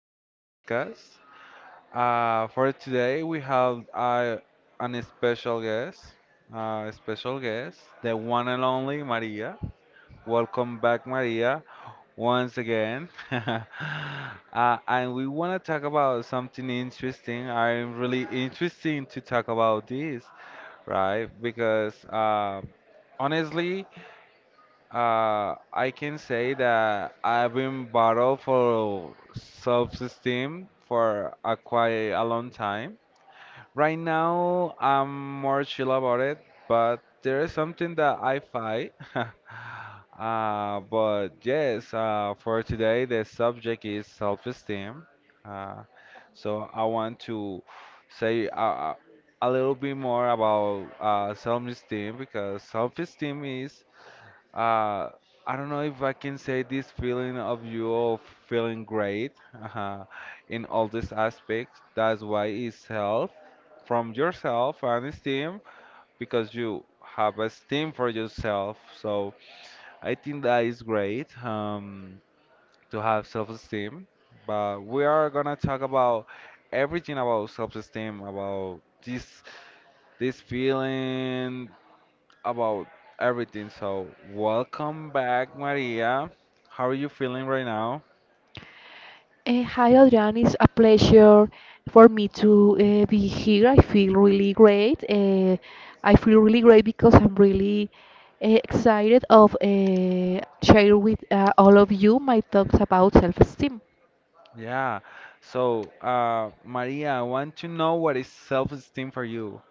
to this podcast. For today, we have an special guest, the one and only Maria. Welcome back, Maria, once again. And we want to talk about something interesting. I'm really interesting to talk about this, right? Because honestly, I can say that I've been battled for self-esteem for a quite a long time. Right now, I'm more chill about it, but there is something that I fight. But yes, for today, the subject is self-esteem. Uh, so I want to say uh, a little bit more about self-esteem because self-esteem is uh, I don't know if I can say this feeling of you all feeling great uh, in all these aspects. That's why it's health from yourself and esteem because you have esteem for yourself. So I think that is great to have self-esteem. But we are gonna talk about everything about self-esteem, about this feeling about everything. So, welcome back, Maria. How are you feeling right now? Hi Adrian, it's a pleasure for me to be here. I feel really great. I feel really great because I'm really excited of share with all of you my thoughts about self-esteem. Yeah. So, Maria, I want to know what is self-esteem for you.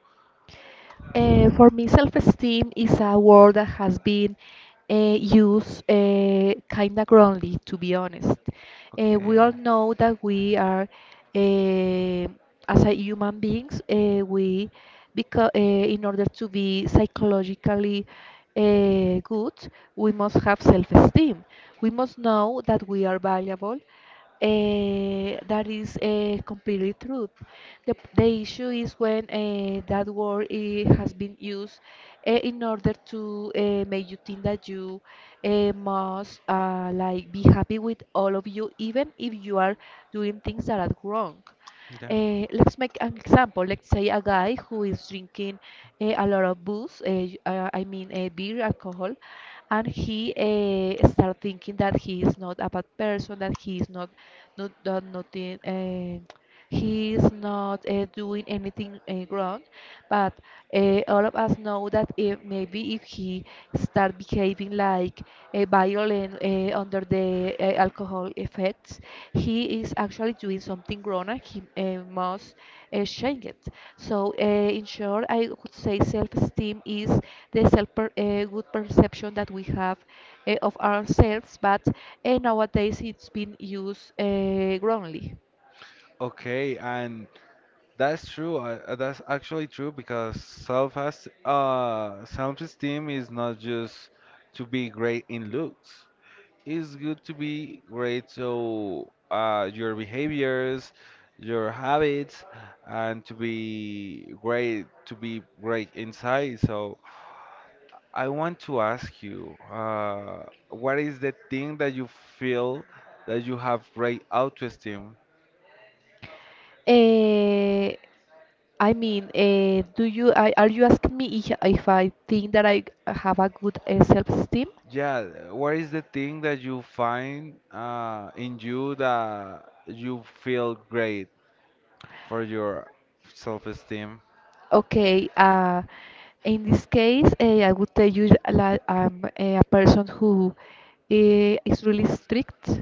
For me, self-esteem is a word that has been used kind of wrongly, to be honest. We Okay. all know that we are, uh, as a human beings, because in order to be psychologically good, we must have self-esteem. We must know that we are valuable. That is completely true. The issue is when that word has been used in order to make you think that you must like be happy with all of you, even if you are doing things that are wrong. Yeah. Let's make an example. Let's say a guy who is drinking a lot of booze, I mean beer, alcohol, and he start thinking that he is not a bad person, that he is not done nothing. He is not doing anything wrong, but all of us know that if maybe if he start behaving like violent under the alcohol effects he is actually doing something wrong, and he must change it. So in short, I would say self-esteem is the good perception that we have of ourselves, but nowadays it's been used wrongly. Okay, and that's true. That's actually true because self has self-esteem is not just to be great in looks. It's good to be great. So your behaviors, your habits, and to be great inside. So I want to ask you, what is the thing that you feel that you have great autoesteem? Uh, I mean, are you asking me if I think that I have a good self-esteem? Yeah, what is the thing that you find in you that you feel great for your self-esteem? Okay, in this case, I would tell you that I'm a person who is really strict.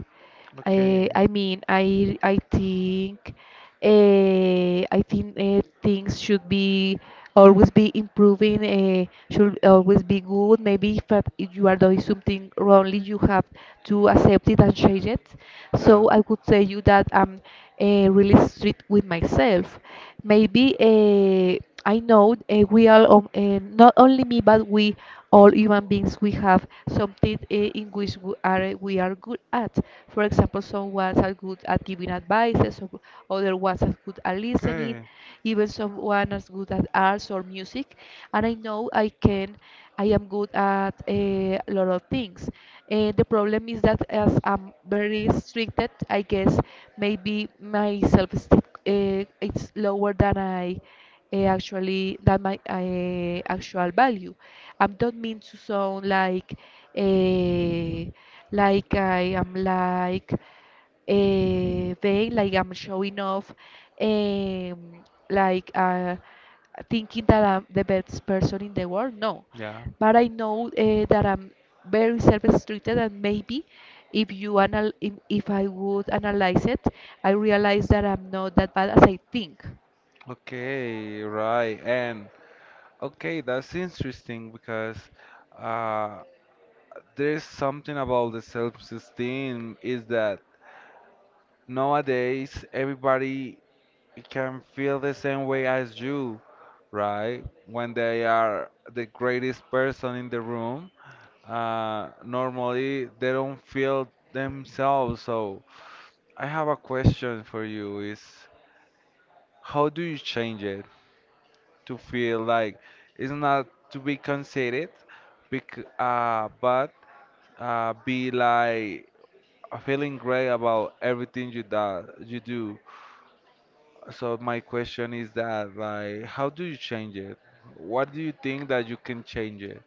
Okay. I mean, I think things should be always be improving. Should always be good. Maybe if you are doing something wrongly, you have to accept it and change it. Yeah. So I would tell you that I'm really strict with myself. Maybe. I know not only me, but we all human beings, we have something in which we are good at. For example, some ones are good at giving advices, some other ones are good at listening, Okay, even someone is good at arts or music. And I know I can, I am good at a lot of things. And the problem is that as I'm very restricted, I guess maybe my self-esteem it's lower than I actually that my actual value. I don't mean to sound uh, like I am like vain, like I'm showing off, um, like thinking that I'm the best person in the world. No, yeah. but I know that I'm very self-restricted, and maybe if I would analyze it, I realize that I'm not that bad as I think. Okay, right. And okay, that's interesting because uh, there's something about the self-esteem is that nowadays everybody can feel the same way as you, right? When they are the greatest person in the room, normally they don't feel themselves. So I have a question for you is how do you change it? To feel like it's not to be conceited, but be like feeling great about everything you do. So my question is that like, how do you change it? What do you think that you can change it?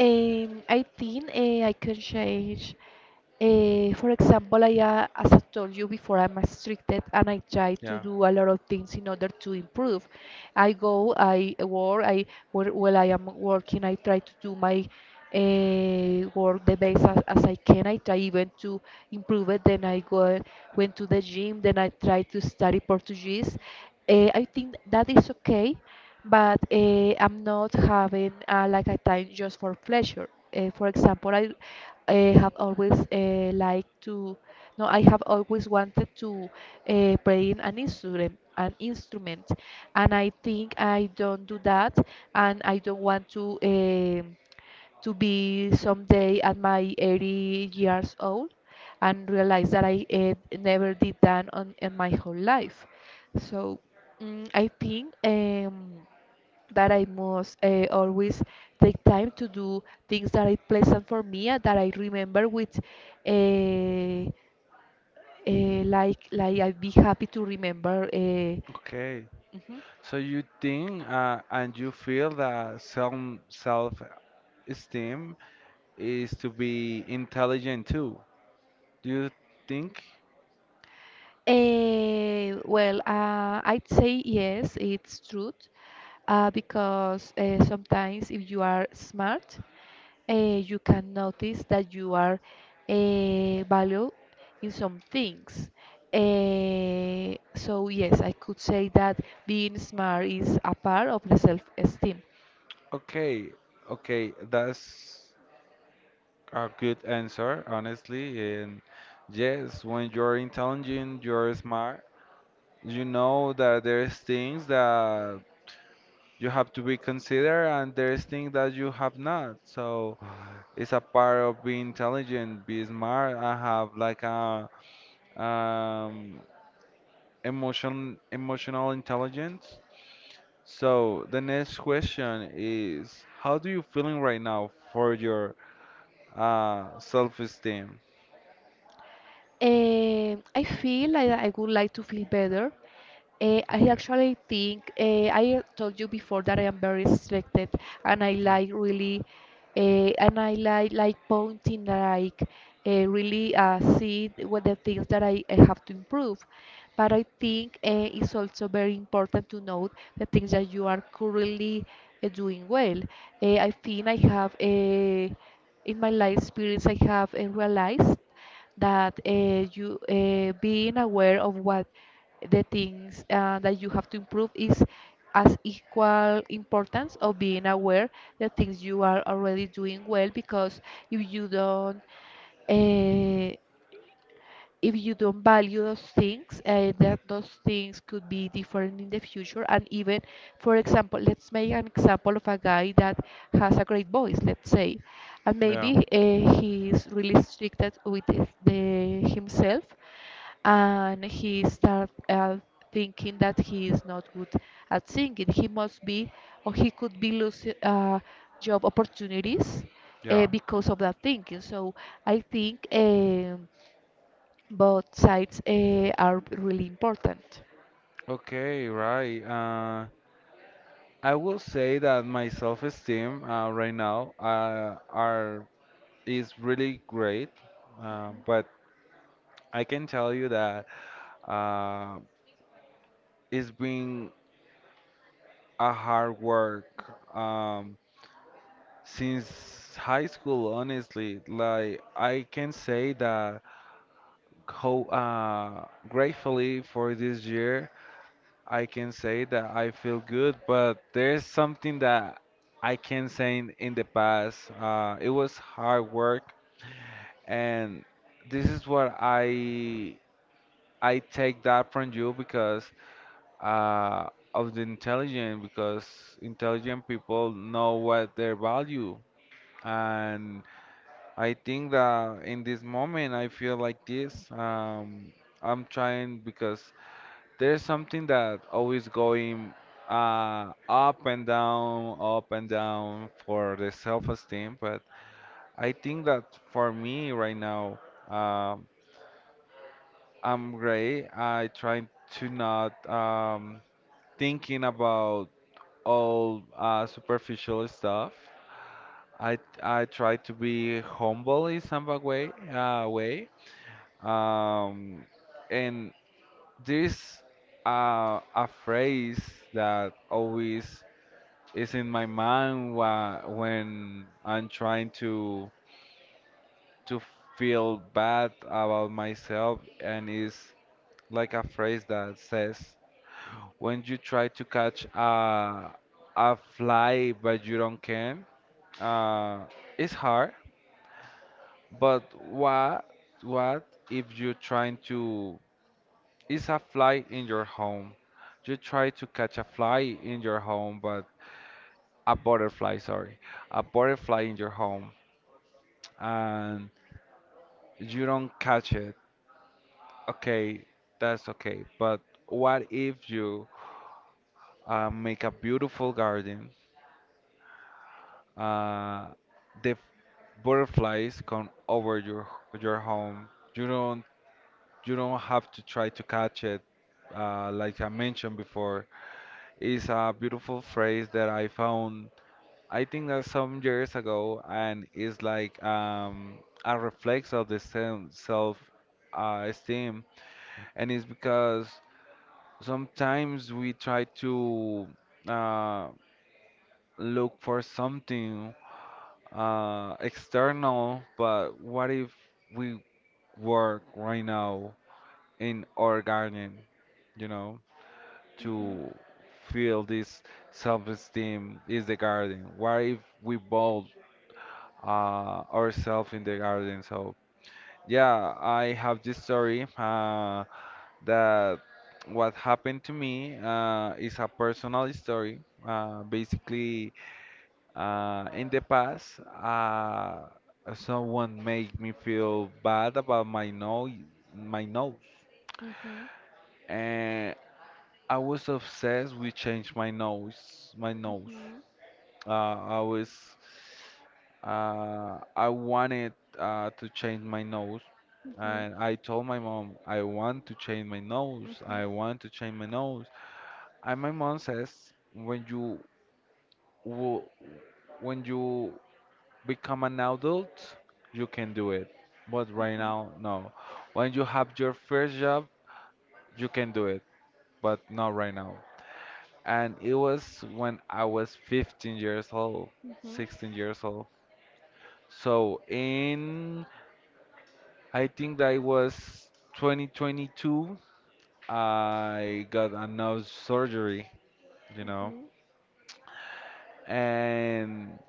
I think I can change. For example, as I told you before, I'm restricted and I try to Yeah. do a lot of things in order to improve. I go, I work, I while I am working, I try to do my work the best as I can. I try even to improve it. Then I go went to the gym. Then I try to study Portuguese. I think that is okay but I'm not having like a time just for pleasure. For example, I have always liked to, no, I have always wanted to play in an instrument, and I think I don't do that, and I don't want to be someday at my 80 years old and realize that I never did that on in my whole life. So I think. That I must always take time to do things that are pleasant for me and that I remember with uh, like I'd be happy to remember. Okay. Mhm. So you think and you feel that self-esteem is to be intelligent too. Do you think? Well, I'd say yes, it's true, because sometimes if you are smart, you can notice that you are valued in some things. So yes, I could say that being smart is a part of the self-esteem. Okay, okay, that's a good answer, honestly. And yes, when you're intelligent, you're smart. You know that there's things that you have to be considered, and there's things that you have not. So it's a part of being intelligent, be smart, and have like a um, emotion, emotional intelligence. So the next question is, how do you feeling right now for your self-esteem? I feel like I would like to feel better. I Okay. actually I told you before that I am very restricted and I Yeah. like really eh, and I like pointing like really see what the things that I have to improve. But I think it's also very important to note the things that you are currently doing well. I think I have a In my life experience I have realized that you being aware of what the things that you have to improve is as equal importance of being aware the things you are already doing well because if you don't uh, if you don't value those things, that those things could be different in the future. And even, for example, let's make an example of a guy that has a great voice, let's say, and Yeah. maybe he's really strict with himself, and he start thinking that he is not good at singing. He must be, or he could be losing job opportunities Yeah. because of that thinking. So I think. Both sides are really important. Okay, right. I will say that my self-esteem right now are is really great, but I can tell you that uh, it's been a hard work since high school. Honestly, like I can say that how gratefully for this year I can say that I feel good, but there's something that I can say in the past. It was hard work, and this is what I take that from you because uh, of the intelligent, because intelligent people know what their value, and I think that in this moment I feel like this. I'm trying because there's something that always going up and down for the self-esteem. But I think that for me right now, um, I'm great. I try to not thinking about all superficial stuff. I try to be humble in some a way, way. Um, and this a phrase that always is in my mind when I'm trying to feel bad about myself, and is like a phrase that says, "When you try to catch a fly but you don't can, uh, it's hard. But what if you're trying to? It's a fly in your home. You try to catch a fly in your home, but a butterfly, sorry, a butterfly in your home, and you don't catch it. Okay, that's okay. But what if you make a beautiful garden? Uh, the butterflies come over your home. You don't you don't have to try to catch it. Like I mentioned before, is a beautiful phrase that I found. I think that some years ago, and it's like a reflex of the same self esteem, and it's because sometimes we try to uh, look for something external, but what if we work right now in our garden, you know, to feel this self-esteem is the garden? What if we build ourselves in the garden? So yeah, I have this story. That what happened to me is a personal story. Basically, in the past, someone made me feel bad about my nose, Mhm. and I was obsessed with change my nose. Mhm. Uh, I was, I wanted to change my nose, Mhm. and I told my mom I want to change my nose. Mhm. I want to change my nose. And my mom says, when you wo- when you become an adult, you can do it. But right now, no. When you have your first job, you can do it, but not right now. And it was when I was 15 years old, Mhm. 16 years old. So in, I think that it was 2022, I got a nose surgery, you know, Mhm. and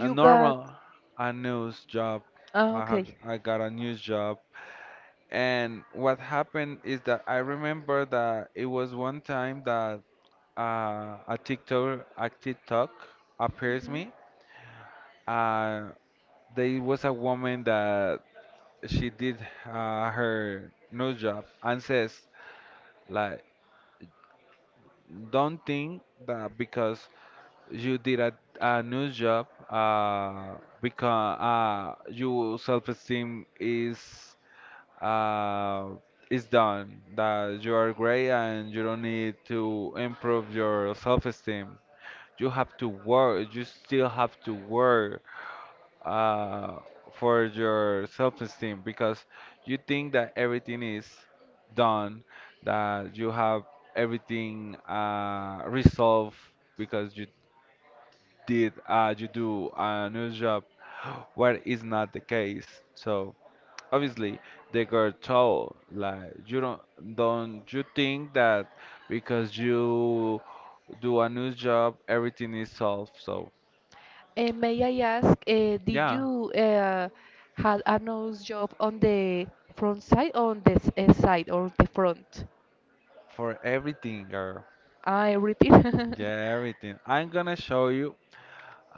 a got. normal a news job. Ah, okay. I got a news job, and what happened is that I remember that it was one time that a TikTok appears me. Uh, there was a woman that she did her nose job and says like, don't think that because you did a new job because your self-esteem uh, is done that you are great and you don't need to improve your self-esteem. You still have to work uh, for your self-esteem because you think that everything is done, that you have everything resolved because you did you do a new job, where is not the case. So obviously they got told like you don't you think that because you do a new job everything is solved. So May I ask, did yeah, you had a nose job on the front side or on the side or the front? for everything girl. I repeat. Yeah, everything, I'm gonna show you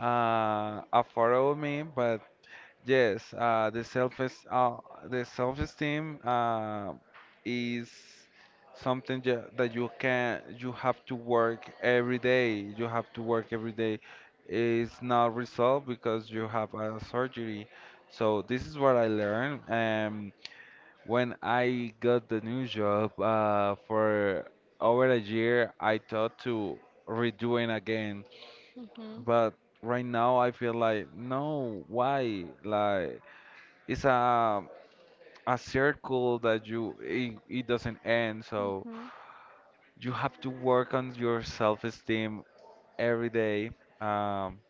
a photo of me. But yes, the self-esteem is something that you have to work every day. You have to work every day. It's not resolved because you have a surgery. So this is what I learned. When I got the new job for over a year, I thought to redoing again, Mhm. but right now I feel like no, why like it's a circle that it doesn't end. End. So Mhm. you have to work on your self-esteem every day. Um,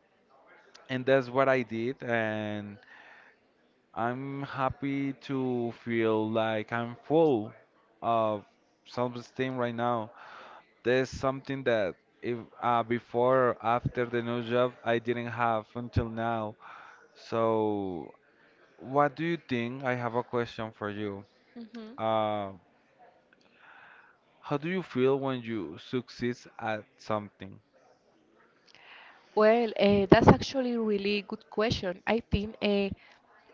and that's what I did, and I'm happy to feel like I'm full of self-esteem right now. There's something that if before or after the new job I didn't have until now. So what do you think? I have a question for you. Mhm. Um How do you feel when you succeed at something? Well, that's actually a really good question. I think uh,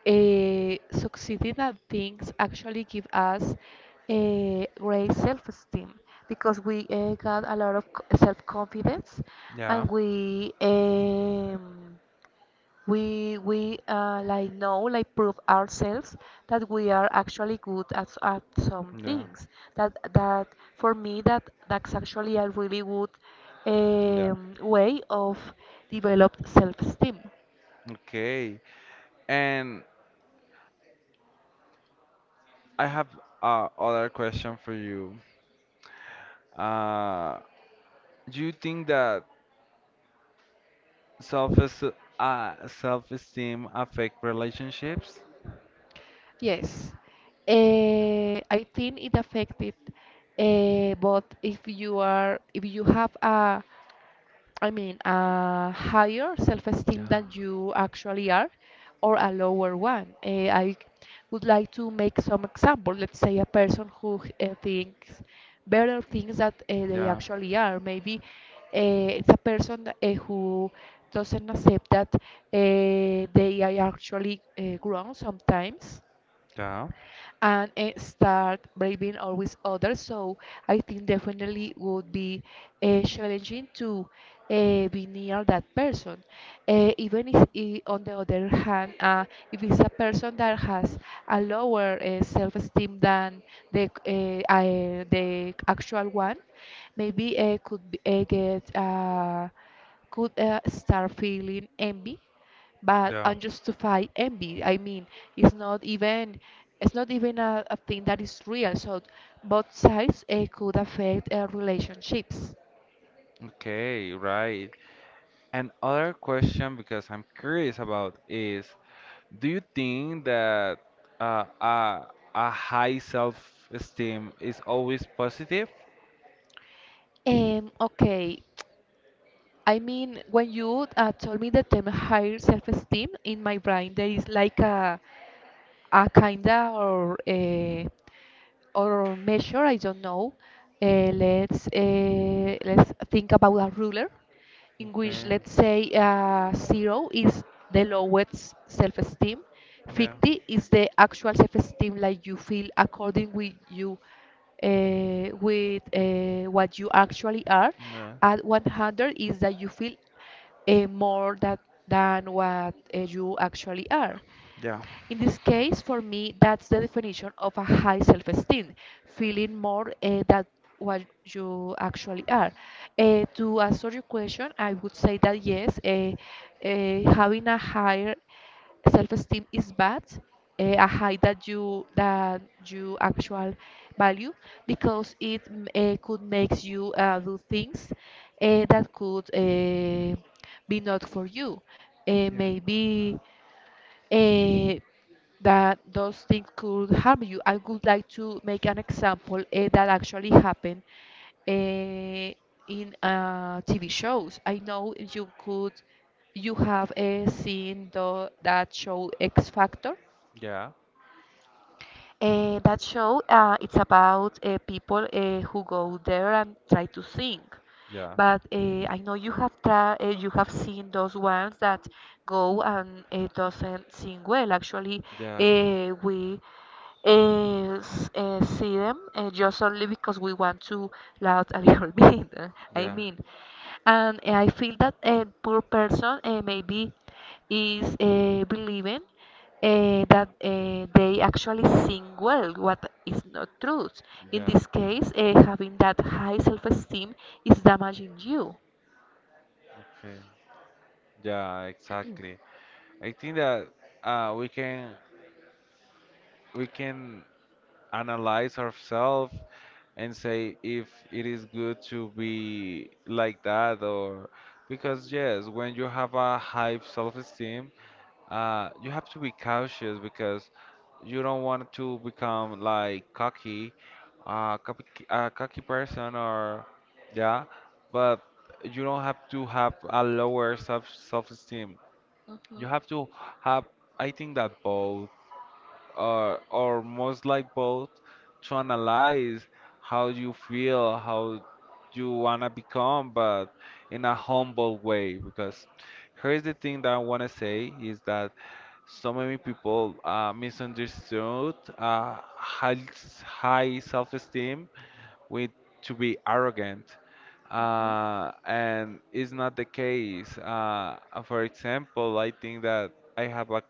uh, succeeding at things actually give us a great self-esteem because we got a lot of self-confidence, Yeah, and we like know like prove ourselves that we are actually good at some yeah. things that that for me that's actually a really good Yeah. Way of develop self-esteem. Okay. And I have other question for you. Uh, do you think that self self-esteem affect relationships? Yes. I think it affected but if you have a, I mean, a higher self-esteem Yeah, than you actually are, or a lower one. I would like to make some example. Let's say a person who thinks better things that they yeah, actually are. Maybe it's a person who doesn't accept that they are actually grown sometimes, yeah, and start braving always others. So I think definitely would be challenging to be near that person. Even if, I- on the other hand, if it's a person that has a lower self-esteem than the actual one, maybe could be, get. Could start feeling envy, but yeah. unjustified envy, I mean, it's not even it's not even a thing that is real. So both sides could affect relationships. Okay, right. And other question because I'm curious about is do you think that uh, a, a high self-esteem is always positive? Okay, I mean, when you told me the term higher self-esteem, in my brain there is like a kinda or a or measure, I don't know. Let's think about a ruler in which Okay. let's say zero is the lowest self-esteem, Yeah. 50 is the actual self-esteem like you feel according with you with what you actually are, Yeah. and 100 is that you feel more that than what you actually are. Yeah. Yeah. In this case, for me, that's the definition of a high self esteem, feeling more that what you actually are. To answer your question, I would say that yes, having a higher self esteem is bad, a high that you actual value because it could make you do things that could be not for you. Yeah. Maybe eh, that those things could harm you. I would like to make an example that actually happened eh, in TV shows. I know you could. You have seen that show X Factor. Yeah. That show, it's about people who go there and try to sing. But I know you have seen those ones that go and doesn't sing well. Actually, Yeah. We see them just only because we want to laugh a little bit. I Yeah. mean. And I feel that a poor person maybe is believing that they actually sing well, what is not true. In Yeah. this case, having that high self-esteem is damaging you. Okay. Yeah, exactly. I think that uh, we can we can analyze ourselves and say if it is good to be like that or because yes, when you have a high self-esteem, you have to be cautious because you don't want to become like cocky, uh, cocky, cocky person or yeah, but you don't have to have a lower self-esteem. You Mhm. have to have, I think that both or most like both to analyze how you feel, how you wanna become, but in a humble way. Because here's the thing that I wanna say is that so many people misunderstood high self-esteem with to be arrogant, Mhm. And it's not the case. For example, I think that I have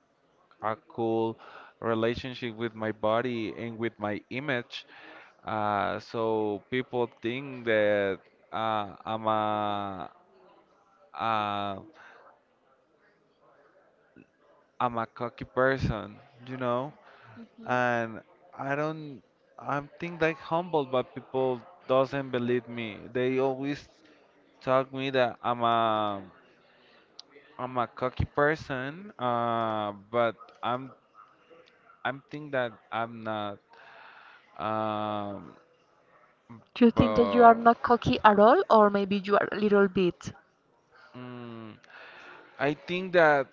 a cool relationship with my body and with my image. So people think that uh, I'm a uh, I'm a cocky person, you know, Mhm. and I don't I'm think like humble, but people doesn't believe me. They always talk me that I'm a cocky person, but I'm I'm think that I'm not. Um, Do you think that you are But not cocky at all, or maybe you are a little bit? mm, I think that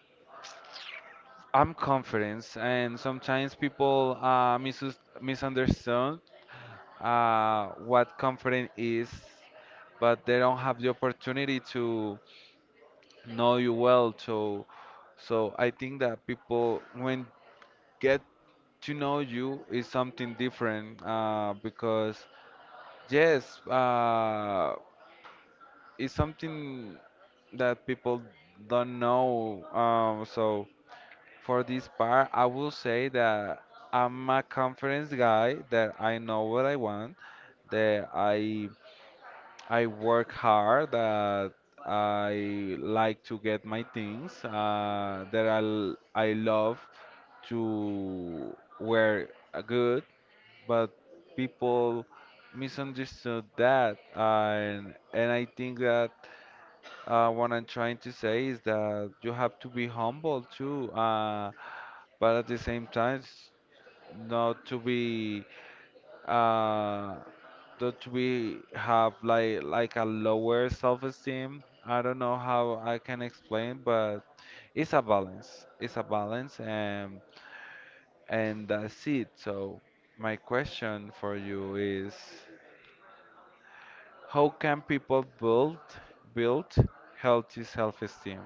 I'm confident, and sometimes people misus misunderstand what confidence is, but they don't have the opportunity to know you well. So I think that people when get to know you is something different because yes, it's something that people don't know. For this part, I will say that I'm a confidence guy, that I know what I want, that I work hard, that I like to get my things, that I love to wear a good, but people misunderstood that, and I think that what I'm trying to say is that you have to be humble too, but at the same time, not to be uh, not to be have like a lower self-esteem. I don't know how I can explain, but it's a balance. It's a balance, and that's it. So my question for you is, how can people build healthy self-esteem?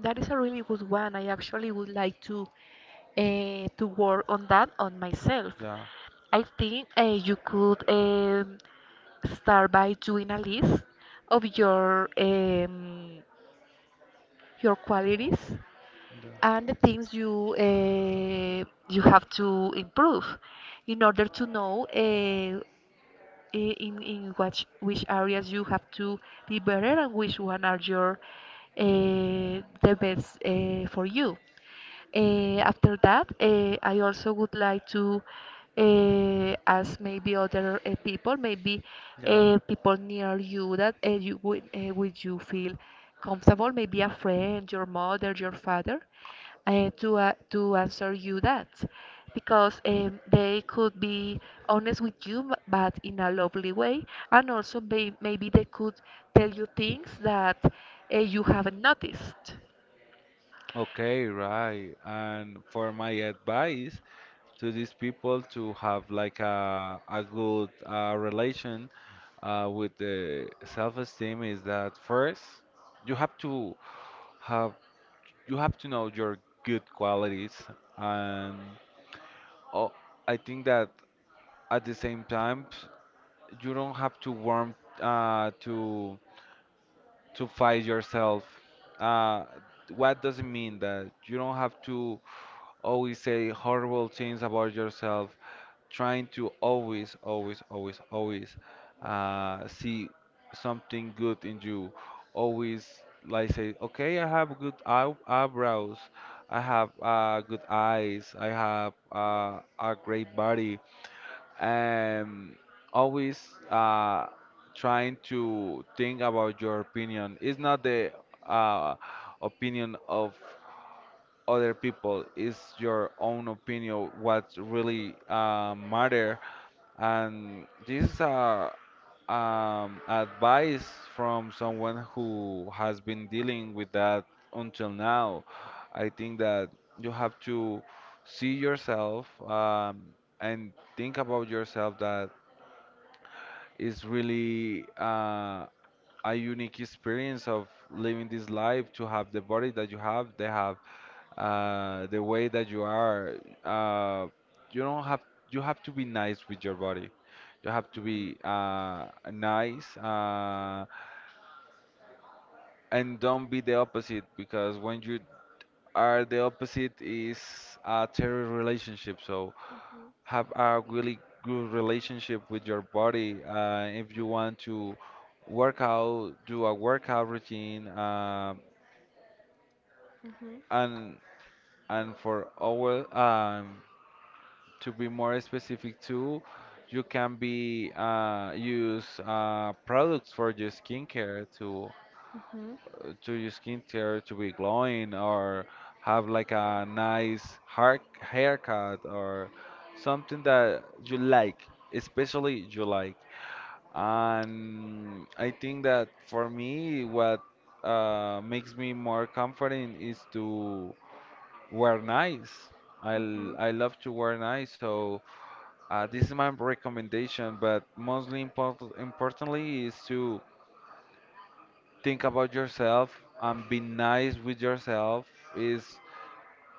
That is a really good one. I actually would like to work on that on myself. Yeah. I think you could start by doing a list of your qualities Yeah. and the things you have to improve in order to know in which areas you have to be better and which one are your the best for you. After that, I also would like to ask maybe other people, maybe Yeah. People near you that would you feel comfortable, maybe a friend, your mother, your father, to answer you that, because they could be honest with you, but in a lovely way, and also maybe they could tell you things that you haven't noticed. Okay, right. And for my advice to these people to have like a good relation with the self-esteem is that first you have to have you have to know your good qualities and oh, I think that at the same time you don't have to warm uh, to to fight yourself. Uh, what does it mean that you don't have to always say horrible things about yourself, trying to always, always, always, always see something good in you. Always like say, okay, I have good eyebrows, I have good eyes, I have a great body um, always trying to think about your opinion. It's not the uh, opinion of other people. It's your own opinion. What really matter. And this is a advice from someone who has been dealing with that until now. I think that you have to see yourself and think about yourself that it's really a unique experience of living this life to have the body that you have, they have the way that you are. Uh, you don't have you have to be nice with your body. You have to be nice and don't be the opposite because when you are the opposite is a terrible relationship. So have a really good relationship with your body. If you want to work out, do a workout routine, Mhm. and and for our to be more specific too, you can be use products for your skincare Mhm. to your skincare to be glowing or have like a nice haircut or something that you like, especially you like. And I think that for me, what makes me more comforting is to wear nice. I, l- Mhm. I love to wear nice, so this is my recommendation. But importantly is to think about yourself and be nice with yourself. Is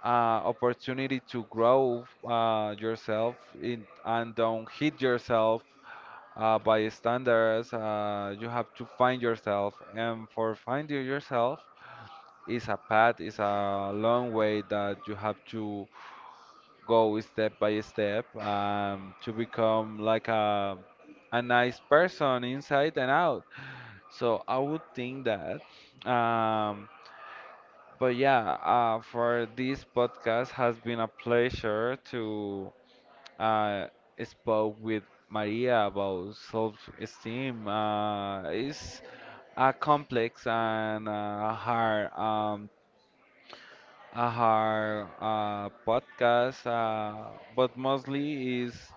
uh, opportunity to grow yourself in, and don't hit yourself by standards. You have to find yourself, and for finding yourself is a path, is a long way that you have to go step by step to become like a nice person inside and out. So I would think that. Um, but yeah, for this podcast has been a pleasure to uh, spoke with Maria about self-esteem. It's a complex and a hard podcast, but mostly is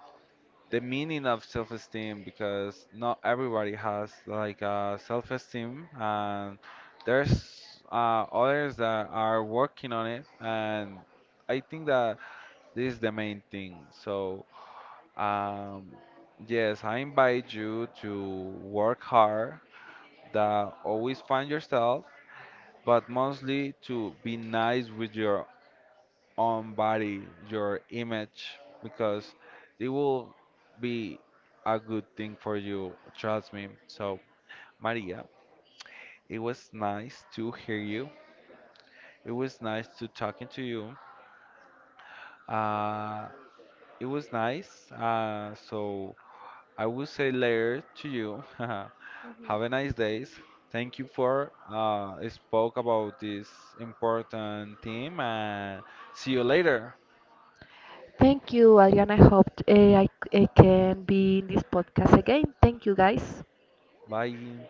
the meaning of self-esteem because not everybody has like self-esteem, and there's others that are working on it, and I think that this is the main thing. Um, yes, I invite you to work hard, that always find yourself, but mostly to be nice with your own body, your image, because it will be a good thing for you, trust me. So, Maria, it was nice to hear you. It was nice to talking to you. Uh, it was nice. So I will say later to you. Have a nice days. Thank you for spoke about this important theme and see you later. Thank you, Adriana. I hope I can be in this podcast again. Thank you, guys. Bye.